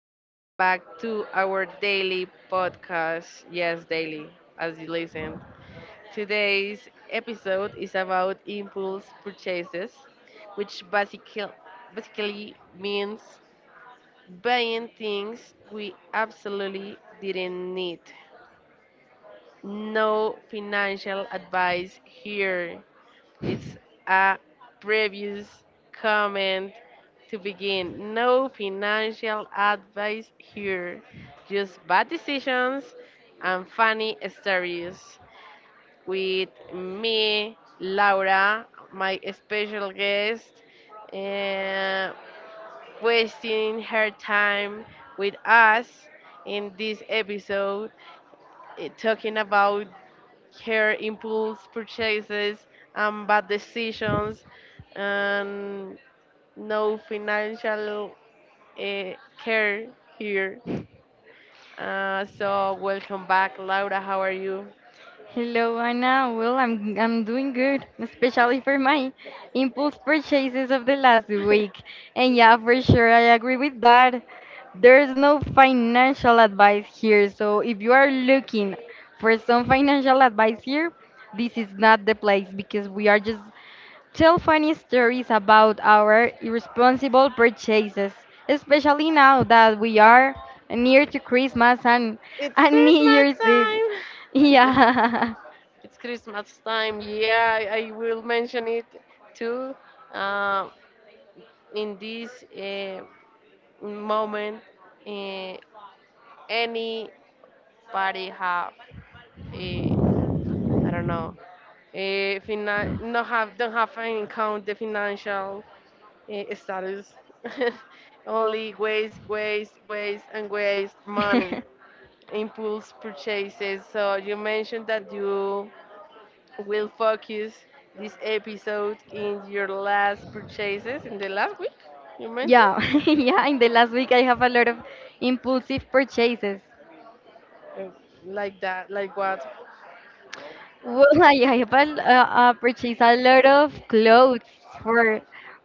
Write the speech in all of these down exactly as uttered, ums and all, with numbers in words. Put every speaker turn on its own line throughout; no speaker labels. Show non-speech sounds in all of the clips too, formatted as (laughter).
Welcome back to our daily podcast. Yes, daily, as you listen. Today's episode is about impulse purchases, which basically, basically means buying things we absolutely didn't need. No financial advice here, it's a previous comment to begin. No financial advice here, just bad decisions and funny stories. With me, Laura, my special guest, uh, wasting her time with us in this episode, eh, talking about her impulse purchases and bad decisions and no financial uh, care here. Uh, so welcome back, Laura. How are you?
Hello, Anna. Well, I'm I'm doing good, especially for my impulse purchases of the last week.
(laughs)
And yeah, for sure, I agree with that. There's no financial advice here, so if you are looking for some financial advice here, this is not the place because we are just tell funny stories about our irresponsible purchases, especially now that we are near to Christmas and
It's
and New
Christmas
Year's Eve.
time.
(laughs)
(laughs) Yeah,
Yeah.
it's Christmas time. Yeah, I, I will mention it too. Uh, in this uh, moment, uh, anybody have a I don't know eh, fina- not have don't have in count the financial eh, status. (laughs) Only waste, waste, waste, and waste money.
(laughs)
Impulse purchases. So you mentioned that you will focus this episode in your last purchases in the last week. You mentioned
Yeah, (laughs) yeah. In the last week, I have a lot of impulsive purchases.
Uh, like that, like what?
Well, I, I have a, uh, uh, purchased a lot of clothes for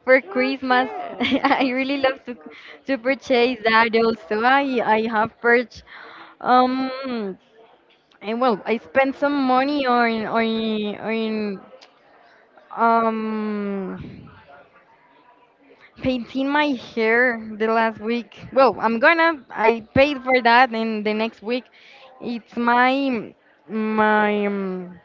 for Christmas. (laughs)
Okay.
I really love to to purchase that. Also, I I have purchased um and well, I spent some money on on on um. painting my hair the last week. Well, I'm gonna. I paid for that, and the next week, it's my my um,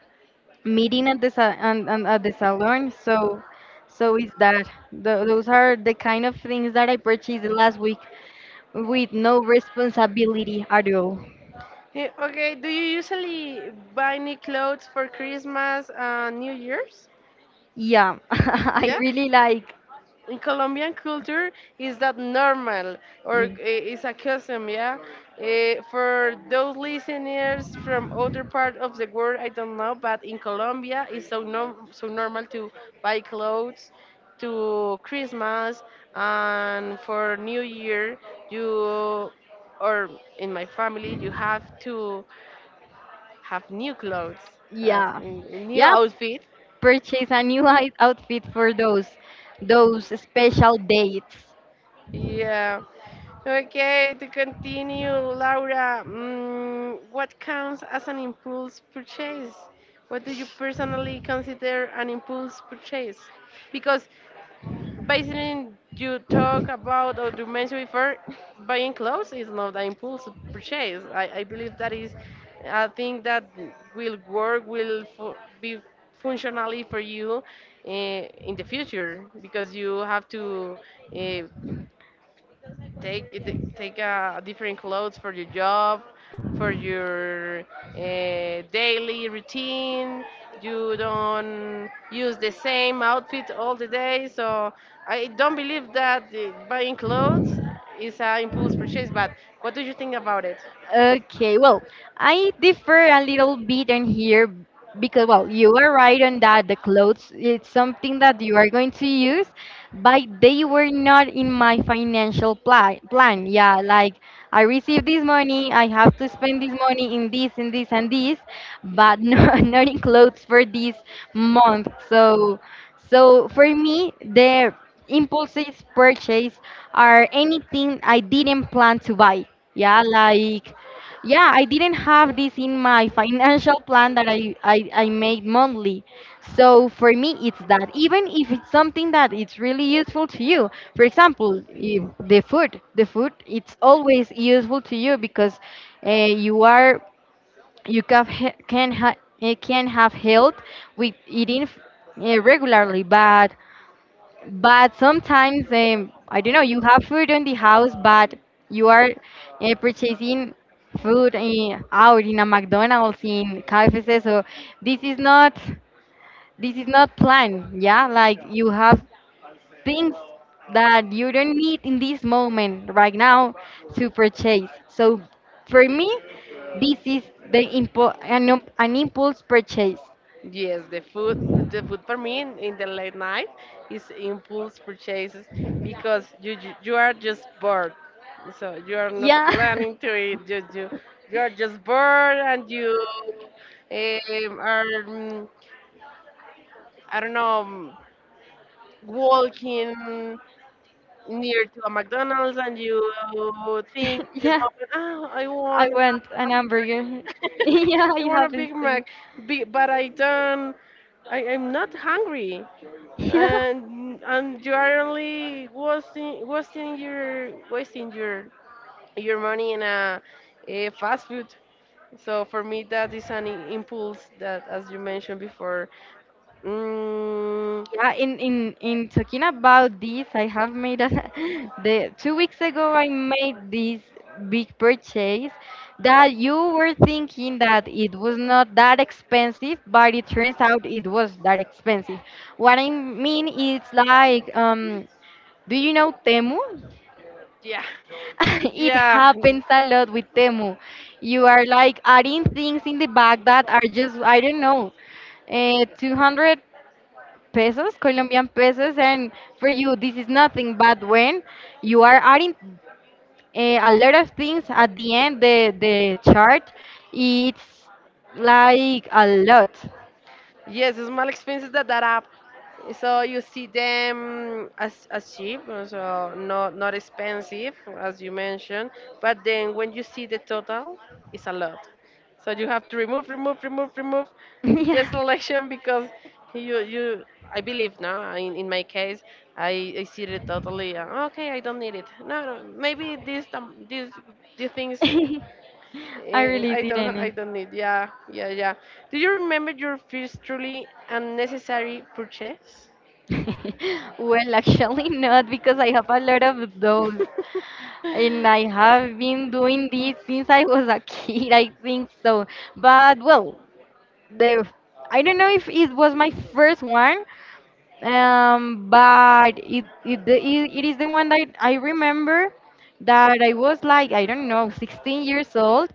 meeting at the sa- and, and at the salon. So, so is that. Tho- those are the kind of things that I purchased the last week with no responsibility at all.
Eh, Okay. Do you usually buy new clothes for Christmas and New Year's?
Yeah, (laughs) I
Yeah.
really like.
In Colombian culture is that normal or uh, is a custom, yeah. Uh, for those listeners from other part of the world, I don't know, but in Colombia it's so norm so normal to buy clothes to Christmas and for New Year. You or in my family, you have to have new clothes, have
Yeah,
n- new
yeah.
outfit.
Purchase a new (laughs) i- outfit for those those special dates.
Yeah. Okay, to continue, Laura, mm, what counts as an impulse purchase? What do you personally consider an impulse purchase? Because based on you talk about or you mentioned before, buying clothes is not an impulse purchase. I, I believe that is a thing that will work, will fu- be functionally for you uh, in the future because you have to. Uh, take it- take uh, different clothes for your job, for your uh, daily routine. You don't use the same outfit all the day, so I don't believe that uh, buying clothes is an impulse purchase. But what do you think about it?
Okay, well, I differ a little bit in here because, well, you are right on that. The clothes, it's something that you are going to use, but they were not in my financial pla plan. Yeah, like I received this money, I have to spend this money in this and this and this, but (laughs) not, not in clothes for this month. So, so for me, the impulses purchase are anything I didn't plan to buy. Yeah, like yeah, I didn't have this in my financial plan that I, I, I made monthly. So for me, it's that. Even if it's something that it's really useful to you, for example, if the food, the food, it's always useful to you because uh, you are you can ha- can ha- eh, can have health with eating f- eh, regularly. But but sometimes, um, I don't know, you have food in the house, but you are uh, purchasing food uh, out in a McDonald's, in K F C. So this is not this is not planned. Yeah, like you have things that you don't need in this moment right now to purchase. So for me, this is the impo- an, an impulse purchase.
Yes, the food, the food for me in, in the late night is impulse purchases because you, you you are just bored, so you are not
Yeah,
planning to eat. You you, you are just bored and you um, are mm, I don't know mm, walking near to a McDonald's and you think
(laughs)
in this
yeah.
moment, oh, I
I
want
want an
a Big
hamburger. (laughs)
Mac.
yeah,
(laughs) I
it
want a
happens
Big
to me.
Mac, Be- but I don't. I, I'm not hungry.
(laughs) Yeah.
and and you are only wasting wasting your wasting your your money in a, a fast food. So for me, that is an i- impulse that, as you mentioned before, mm,
Yeah, in, in, in talking about this, I have made a, (laughs) the two weeks ago I made this big purchase that you were thinking that it was not that expensive, but it turns out it was that expensive. What I mean is like, um, do you know Temu?
yeah,
(laughs) It
yeah.
happens a lot with Temu. You are like adding things in the bag that are just, I don't know, uh, two hundred pesos, Colombian pesos, and for you, this is nothing. But when you are adding uh, a lot of things at the end, the, the chart, it's like a lot.
Yes, small expenses that add up. So you see them as, as cheap, uh, so not not expensive as you mentioned, but then when you see the total, it's a lot. So you have to remove, remove, remove, remove
(laughs)
the
Yeah.
selection because you you I believe no. In, in my case, I, I see it totally. Uh, okay, I don't need it. No, no, maybe this um, this these things. uh,
(laughs) I
Eh,
really
I don't. I
didn't.
don't need. Yeah, yeah, yeah. Do you remember your first truly unnecessary purchase?
(laughs) Well, actually not because I have a lot of those.
(laughs)
And I have been doing this since I was a kid, I think so. But well, the I don't know if it was my first one, um, but it it, the, it it is the one that I remember that I was like I don't know sixteen years old,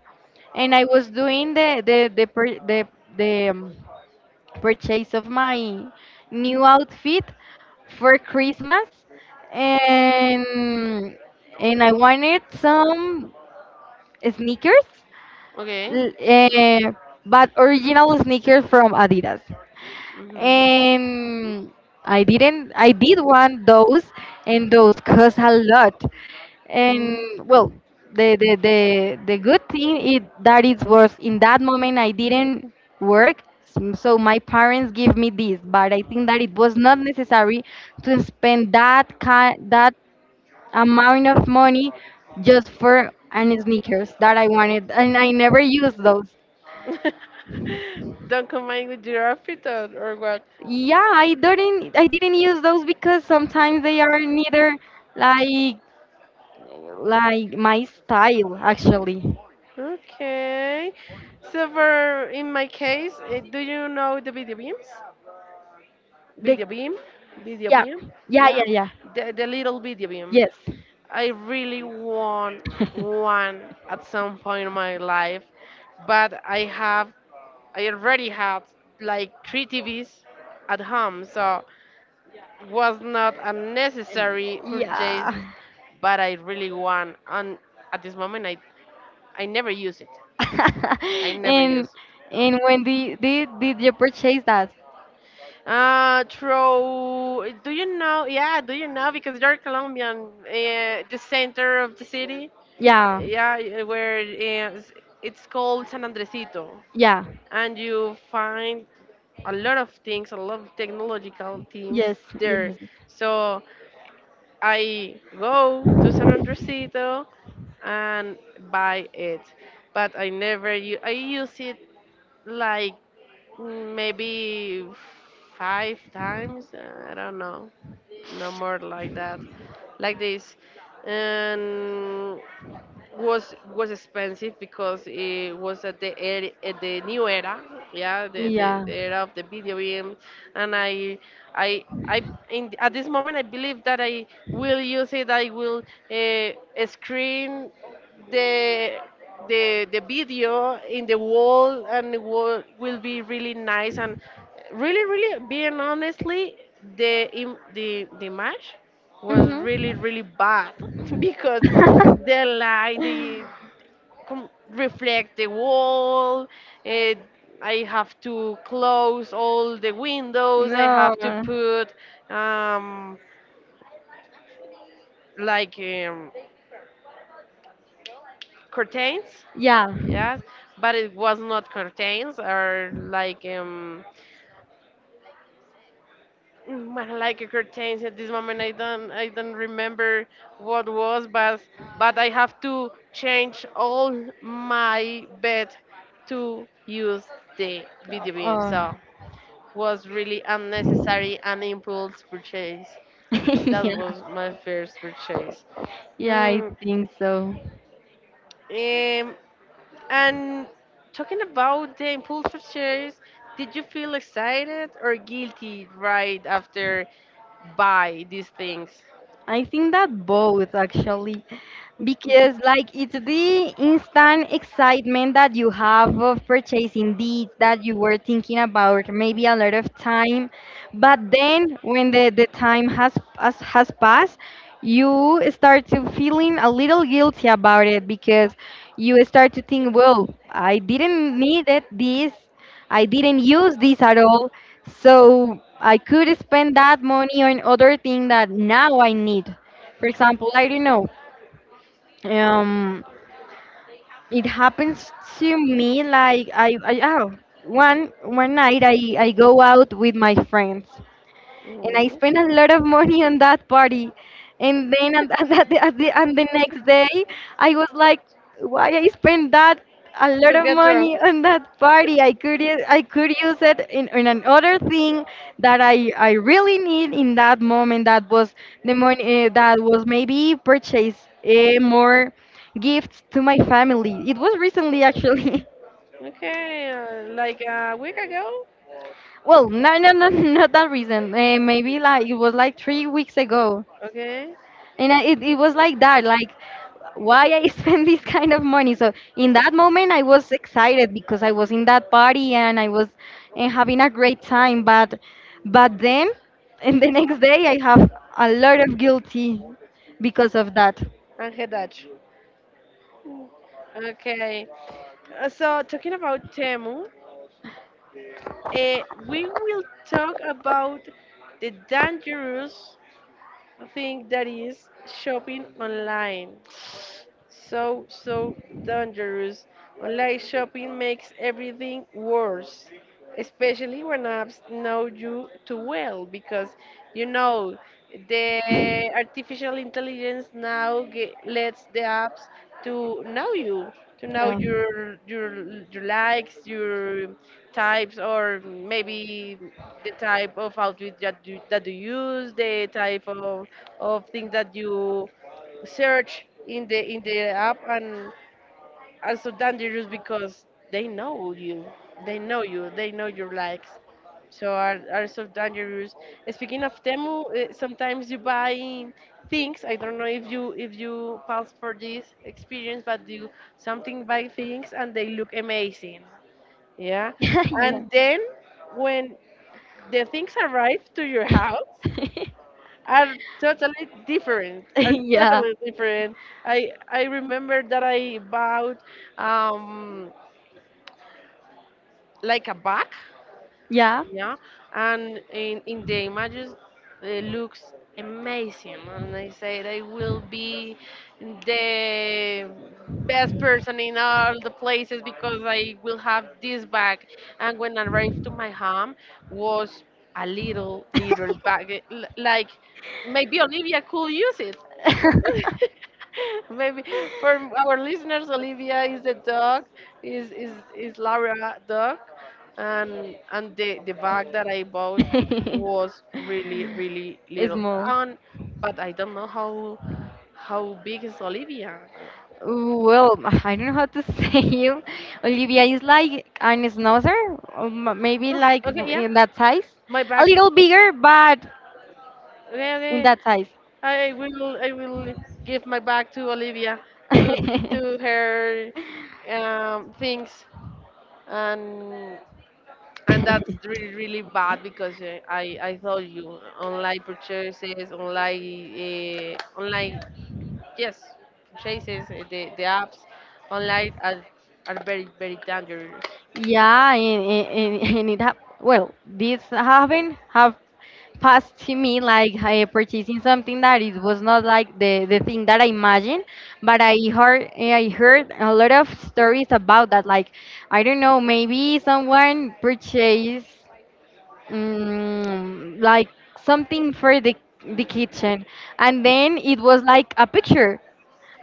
and I was doing the the the per- the the um, purchase of my new outfit for Christmas and and I wanted some sneakers
Okay.
l- eh, but original sneakers from Adidas.
Mm-hmm.
And I didn't I did want those, and those cost a lot. And
Mm.
well, the the the, the good thing is that it was in that moment I didn't work, s- so my parents give me this, but I think that it was not necessary to spend that kind that amount of money just for and sneakers that I wanted, and I never used those.
(laughs) Don't combine with your outfit or, or what?
Yeah, i didn't I didn't use those because sometimes they are neither like like my style actually.
Okay. So for in my case, eh, do you know the video beams?
The
Video beam, video
yeah
beam.
yeah yeah
Yeah,
yeah.
the the little video beam.
Yes.
I really want
(laughs)
one at some point in my life, but I have I already had like three T Vs at home, so it was not a
And-
necessary purchase,
yeah.
but I really want and at this moment I I never use it. I
(laughs)
never use
And
it.
and when did, did did you purchase that?
Uh, throw. Do you know? Yeah, do you know? Because you're Colombian, uh, the center of the city.
Yeah.
Yeah, y- where is, it's called San Andresito,
Yeah.
and you find a lot of things, a lot of technological things
Yes. Yes.
there.
yes,
So I go to San Andresito and buy it, but I never u- I use it like mm, maybe five times. Uh, I don't know, no more like that, like this, and was was expensive because it was at the er, at the new era yeah the,
yes.
the, the
Yeah.
era of the video game and i i i in, at this moment I believe that I will use it I will uh, screen the the the video in the wall and it will, will be really nice and really really being honestly the im- the the image was really
Mhm.
really bad (laughs) because the
(laughs)
light the com- reflect the wall eh, I have to close all the windows I
No.
have to put um, like um, curtains
Yeah.
yes but it was not curtains or like um, Mm, like a curtains at this moment, I don't, I don't remember what was, but but I have to change all my bed to use the video game.
Uh,
So was really unnecessary and impulse purchase.
(laughs)
That
yeah.
was my first purchase.
Yeah, I
Mm,
think so.
um, and talking about the impulse purchase, did you feel excited or guilty right after buy these things?
I think that both actually, because like it's the instant excitement that you have of purchasing these that you were thinking about maybe a lot of time, but then when the, the time has, has has passed, you start to feeling a little guilty about it because you start to think, well, I didn't need it this, I didn't use this at all, so I could spend that money on other thing that now I need. For example, I don't know. Um, it happens to me like I, I oh, one one night, I, I go out with my friends and I
Mm.
spent a lot of money on that party. And then on (laughs) at, the, at the, and the next day, I was like, why I spent that a lot
To
of
get drunk.
money on that party? I could u- I could use it in, in another thing that I, I really need in that moment. That was the money uh, that was maybe purchase uh, more gifts to my family. It was recently actually. (laughs)
Okay, uh, like a week ago.
Well, no, no, no, (laughs) not that recent. Uh, maybe like it was like three weeks ago.
Okay,
And I, it, it was like that, like why I (laughs) spend this kind of money. So in that moment I was excited because I was in that party and I was and having a great time, but but then (laughs) and the next day I have a lot of guilty because of that.
and head Dutch. Okay, Uh, so talking about Temu, uh, we will talk about the dangerous thing that is shopping online. So so dangerous. Online shopping makes everything worse, especially when apps know you too well because you know the artificial intelligence now ge lets the apps to know you to know
Yeah.
your your your likes your types or maybe the type of outfit that you, that you use the type of of things that you search in the in the app and also dangerous because they know you they know you they know your likes so are, are so dangerous speaking of temu uh, sometimes you buy things I don't know if you if you pass for this experience but you something buy things and they look amazing yeah
(laughs) yeah
and then when the things arrive to your house are totally different
(laughs)
are
yeah
totally different i i remember that I bought um like a bag,
yeah
yeah, and in, in the images it looks amazing, and I said I will be the best
(laughs)
person in all the places because I will have this bag. And when I arrived to my home, was a little little bag, eh, l- like maybe Olivia could use it. (laughs) Maybe for our listeners, Olivia is a dog, is is is Laura dog, and and the the bag that I
A
bought
yes please
was really really
or
little
Small.
and but I don't know how how big is Olivia.
Well, I don't know how to (laughs) say you. Olivia is like an schnauzer, or m- maybe
Oh,
like
okay, yeah,
in that size.
my
A
bag.
little bigger, but
Okay, okay.
in that size.
I will I will give my bag to Olivia to to her um, things and and that's
(laughs)
really really bad because uh, I I told you online purchases online uh, online Yes, chases, uh, the, the apps online are, are very, very dangerous.
Yeah, and, and, and (laughs) and it hap- well, this happened have passed to me, like I purchasing something that it was not like the, the thing that I imagined. But I heard eh, I heard a lot of stories about that. Like I don't know, maybe someone purchased um, like something for the the kitchen, and then it was like a picture.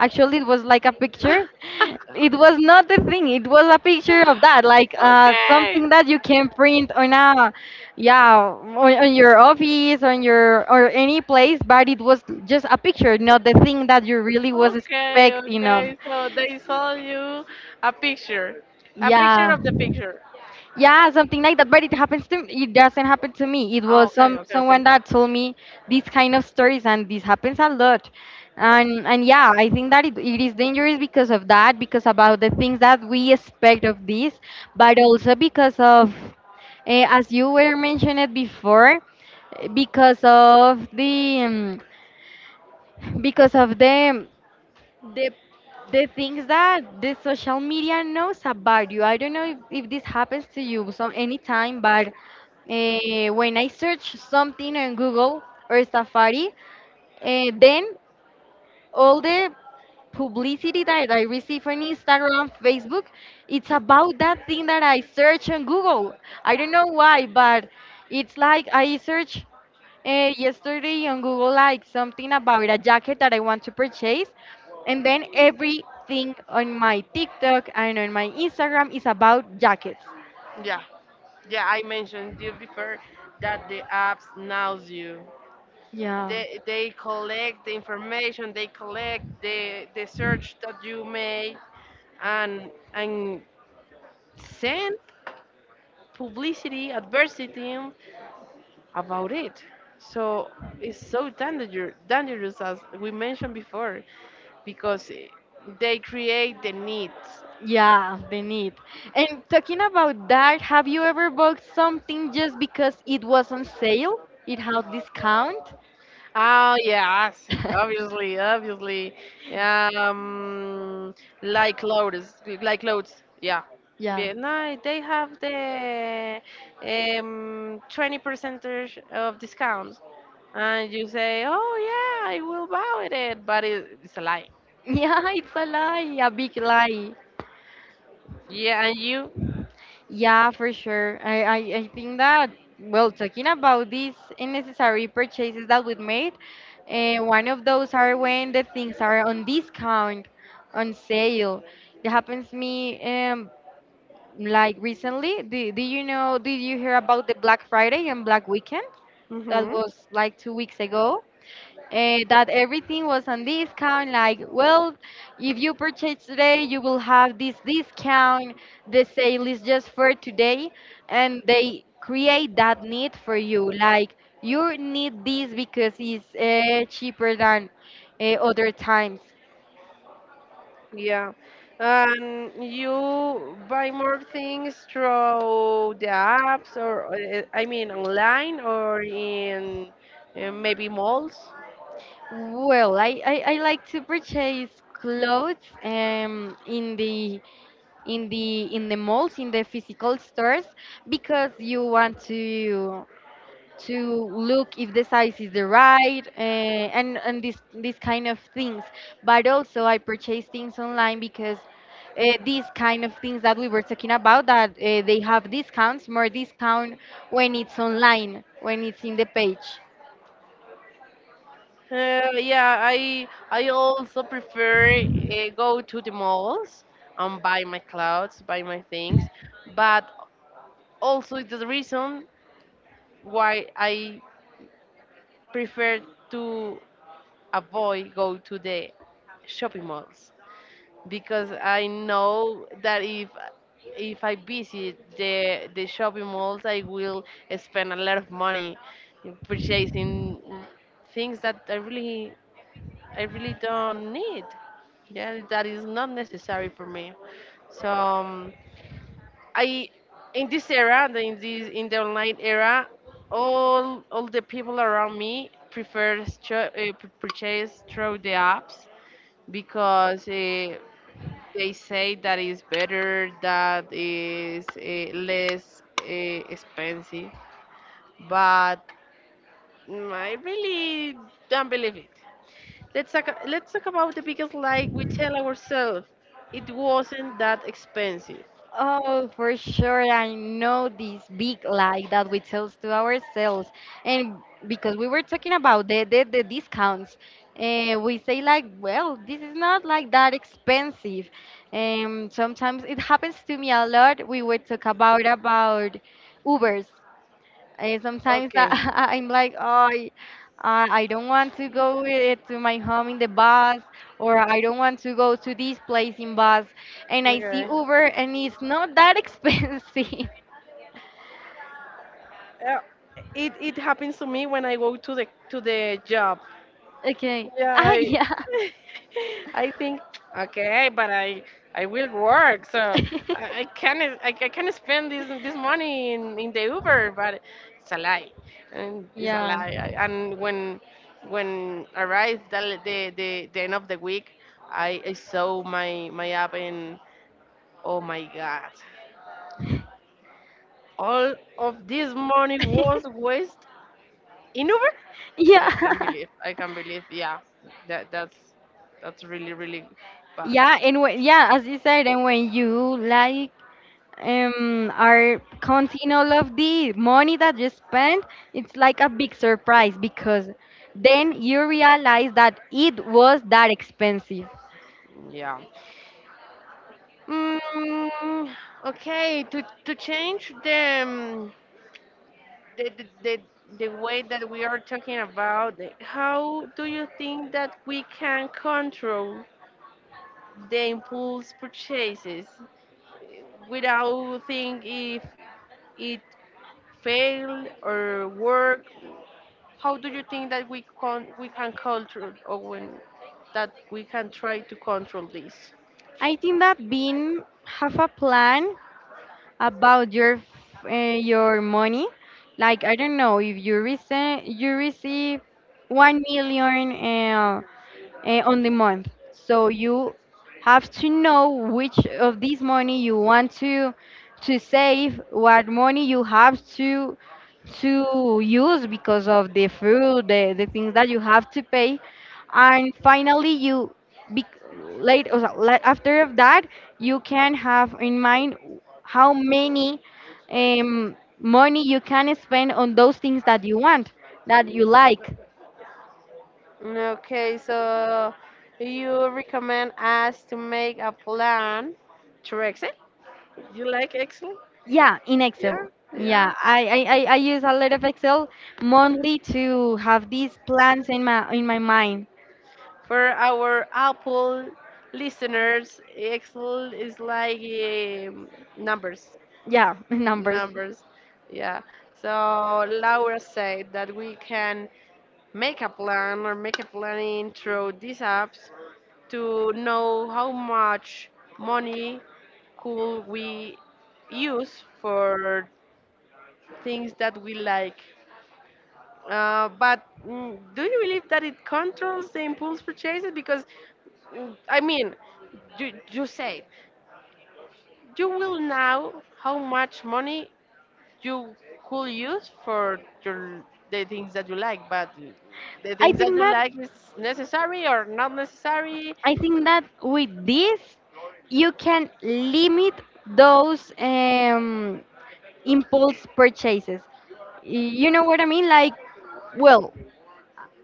Actually, it was like a picture. It was not the thing. It was a picture of that, like uh,
Okay,
something that you can print on a, yeah, on, on your office, on your or any place. But it was just a picture, not the thing that you really was
okay,
expecting of.
okay. So they sold you a picture, a picture
Yeah.
of the picture.
Yeah, something like that. But it happens to it doesn't happen to me. It
Ah,
was
okay,
some
okay, okay.
someone that told me these kind of stories, and this happens a lot. And and yeah, I think that it, it is dangerous because of that, because about the things that we expect of this. But also because of, eh, as you were mentioned before, eh, because of the um, because of the the the things that the social media knows about you. I don't know if, if this happens to you some anytime, but uh, when I search something on Google or Safari, uh, then all the publicity that I receive on Instagram, Facebook, it's about that thing that I search on Google. I don't know why, but it's like I search uh, yesterday on Google like something about a jacket that I want to purchase, and then everything on my TikTok and on my Instagram is about jackets.
Yeah, yeah. I mentioned you before that the apps knows you.
Yeah,
They they collect the information. They collect the the search that you make and and send publicity, adversity about it. So it's so danger, dangerous, as we mentioned before, because eh, they create the needs.
yeah, the need. And talking about that, have you ever bought something just because it was on sale? It had discount?
Oh yes,
(laughs)
obviously, obviously, um, like clothes, like clothes, yeah.
Yeah.
Yeah, no, they have the um twenty percentage of discounts, and you say, oh yeah, I will buy it, but it, it's a lie.
Yeah, it's a lie, a big lie.
Yeah, and you.
Yeah, for sure. I, I, I think that, well, talking about these unnecessary purchases that we've made, uh, one of those are when the things are on discount, on sale. It happens to me um, like recently. Do, do you know, did you hear about the Black Friday and Black Weekend? That
Mm-hmm.
was like two weeks ago, uh, that everything was on discount. Like, well, if you purchase today, you will have this discount. The sale is just for today, and they create that need for you. Like, you need this because it's uh, cheaper than uh, other times.
Yeah. Um, you buy more things through the apps or, uh, eh, I mean, online or in uh, maybe malls?
Well, I, I, I like to purchase clothes um, in the in the in the malls, in the physical stores, because you want to to look if the size is the right, uh, and and this this kind of things. But also I purchase things online because uh, these kind of things that we were talking about, that uh, they have discounts more discount when it's online, when it's in the page.
Uh, yeah, I I also prefer uh, go to the malls and buy my clothes, buy my things, but also it's the reason why I prefer to avoid go to the shopping malls because I know that if if I visit the the shopping malls, I will spend a lot of money in purchasing things that I really I really don't need. Yeah, that is not necessary for me. So um, I in this era, the- in this in the online era, all all the people around me prefer uh, purchase through the apps because uh, they say that it's better, that is uh, less uh, expensive, but mm, I really don't believe it. Let's talk, let's talk about the biggest lie we tell ourselves. It wasn't that expensive.
Oh, for sure. I know this big lie that we tell to ourselves. And because we were talking about the, the, the discounts, uh, we say, like, well, this is not like that expensive. Um, sometimes it happens to me a lot. We would talk about about Ubers. And sometimes I,
Okay,
(laughs) I'm like, oh, I, I I don't want to go with to my home in the bus, or I don't want to go to this place in bus. And I see
okay.
Uber, and it's not that expensive. (laughs)
Uh, it, it happens to me when I go to the to the job.
Okay.
Yeah,
Ah,
I
yeah.
(laughs) I think okay, but I I will work, so I, I
(laughs)
can I, I can spend this this money in in the Uber, but it's a lie, and it's a
Yeah.
lie. I, and when when arrived the, the the the end of the week, I, I saw my my app and oh my god, all of this money was
(laughs)
wasted in Uber?
Yeah.
I can't
(laughs)
believe. I can't believe. Yeah, that that's that's really really bad.
Yeah, and when, yeah, as you said, and when you like um, are counting all of the money that you spent, it's like a big surprise because then you realize that it was that expensive.
Yeah. Mm, okay, to, to change the, um, the, the, the the way that we are talking about, it, how do you think that we can control the impulse purchases without think if it failed or work? How do you think that we can we can control or when that we can try to control this?
I think that being have a plan about your f- uh, your money, like I don't know if you receive you receive one million eh, uh, on the month. So you have to know which of this money you want to to save, what money you have to to use because of the food, the, the things that you have to pay, and finally you be, late or so- la- after of that you can have in mind how many um, money you can spend on those things that you want that you like.
Okay, so you recommend us to make a plan through Excel? You like Excel?
Yeah, in
Yeah,
Excel.
yeah.
Yeah, I, I, I I use a lot of Excel monthly to have these plans in my in my mind.
For our Apple listeners, Excel is like um, numbers,
Yeah, (laughs) numbers.
numbers. Yeah. So Laura said that we can make a plan or make a planning through these apps to know how much money could we use for things that we like. Uh, but mm, do you believe that it controls the impulse purchases? Because mm, I mean, you, you say you will know how much money you could use for your the things that you like, but the
I
things that
think
you
that
like is necessary or not necessary.
I think that with this you can limit those um, impulse purchases. You know what I mean? Like, well,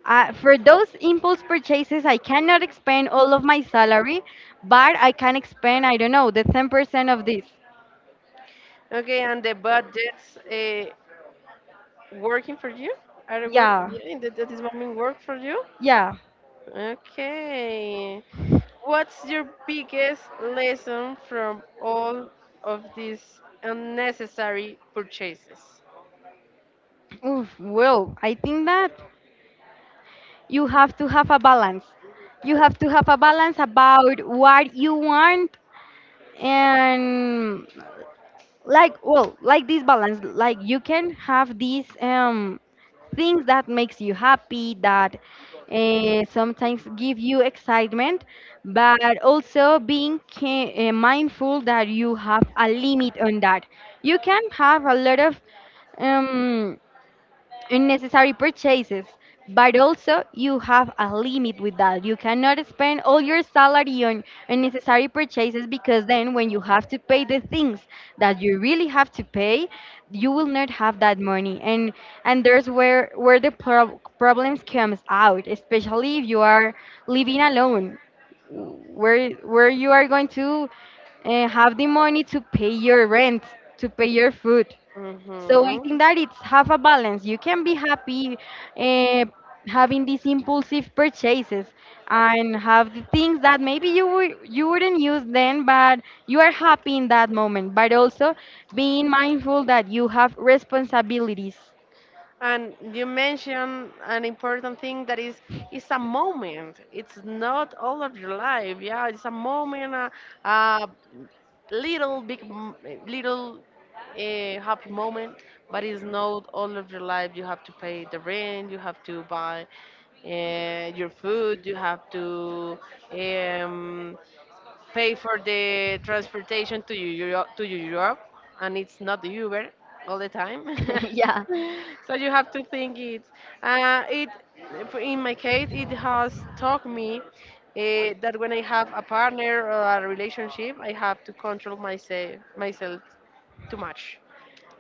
uh, for those impulse purchases, I cannot expend all of my salary, but I can expend, I don't know, the ten percent of this.
Okay, and the budgets uh, working for you, are they work,
Yeah,
yeah, in that, that is moment work for you.
yeah.
Okay, what's your biggest lesson from all of these unnecessary purchases?
Oof, well, I think that you have to have a balance. You have to have a balance about what you want and like well, like this balance, like you can have these um things that makes you happy that uh, sometimes give you excitement, but also being ca- uh, mindful that you have a limit on that. You can have a lot of um unnecessary purchases, but also you have a limit with that you cannot spend all your salary on unnecessary purchases, because then when you have to pay the things that you really have to pay you will not have that money, and and there's where where the prob- problems comes out, especially if you are living alone, where where you are going to uh, have the money to pay your rent, to pay your food. So I
Mm-hmm.
think that it's half a balance. You can be happy uh, having these impulsive purchases and have the things that maybe you wou- you wouldn't use then, but you are happy in that moment. But also being mindful that you have responsibilities.
And you mentioned an important thing that is it's a moment. It's not all of your life. Yeah, it's a moment, a, a little big, m- little a happy moment, but it's not all of your life. You have to pay the rent. You have to buy uh, your food. You have to um, pay for the transportation to Europe, to Europe, and it's not the Uber all the time.
(laughs) Yeah.
(laughs) So you have to think it. Uh, it in my case, it has taught me uh, that when I have a partner or a relationship, I have to control myself myself too much,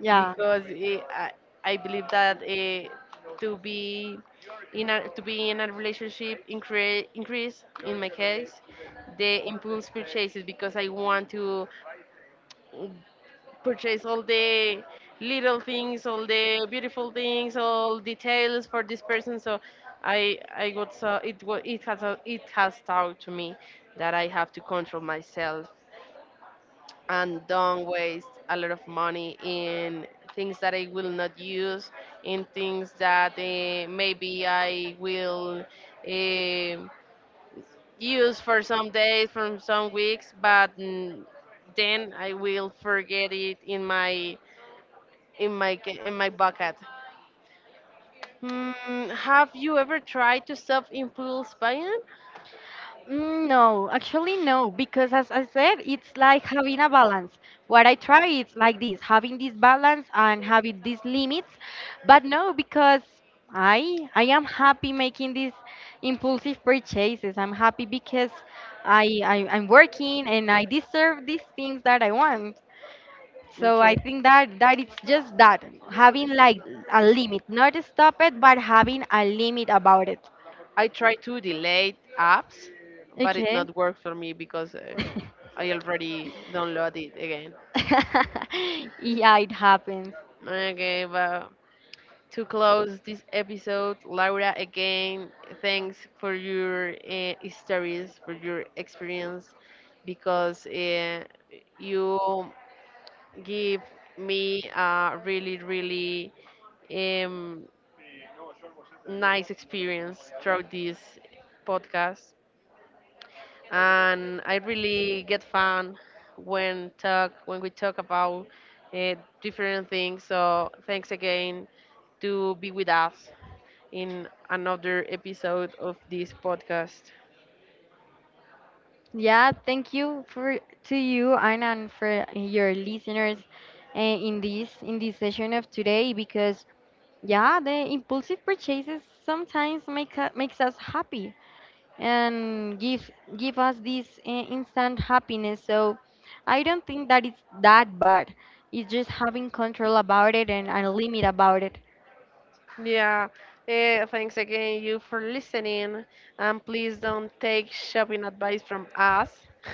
Yeah.
because eh, I, I believe that eh, to be in a, to be in a relationship incre- increase in my case the impulse purchases, because I want to mm, purchase all the little things, all the beautiful things, all details for this person. So I I got so it wa- it has a, it has taught to me that I have to control myself and don't waste a lot of money in things that I will not use, in things that uh, maybe I will uh, use for some days, from some weeks, but mm, then I will forget it in my in my ca- in my bucket. Hmm, have you ever tried to stop impulse buying?
Mm, no, actually no, because as I said, it's like having a balance. What I try is like this, having this balance and having these limits, but no, because I I am happy making these impulsive purchases. I'm happy because I, I I'm working and I deserve these things that I want. So I think that that it's just that having like a limit, not stop it, but having a limit about it.
I try to delete apps, but it
Okay.
not work for me because uh,
(laughs)
I already download it again.
(laughs) Yeah, it happens.
Okay, but to close this episode, Laura, again, thanks for your uh, stories, for your experience, because uh, you give me a really, really um, nice experience throughout this podcast, and I really get fun when talk when we talk about uh, different things. So thanks again to be with us in another episode of this podcast.
Yeah, thank you for to you Anna, and for your listeners uh, in this in this session of today, because yeah, the impulsive purchases sometimes make u- makes us happy and give give us this uh, instant happiness. So I don't think that it's that bad. It's just having control about it, and, and a limit about it.
Yeah, eh, thanks again you for listening, and please don't take shopping advice from us.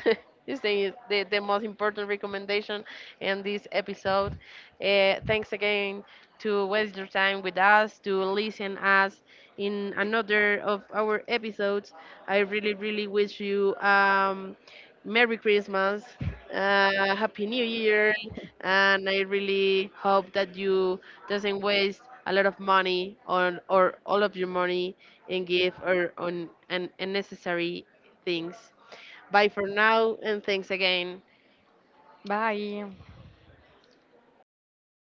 (laughs) This thing is the, the most important recommendation in this episode. Eh, thanks again to waste your time with us, to listen us in another of our episodes. I really, really wish you um, Merry Christmas, uh, Happy New Year, and I really hope that you doesn't waste a lot of money on or all of your money in gift or on un- unnecessary things. Bye for now, and thanks again.
Bye.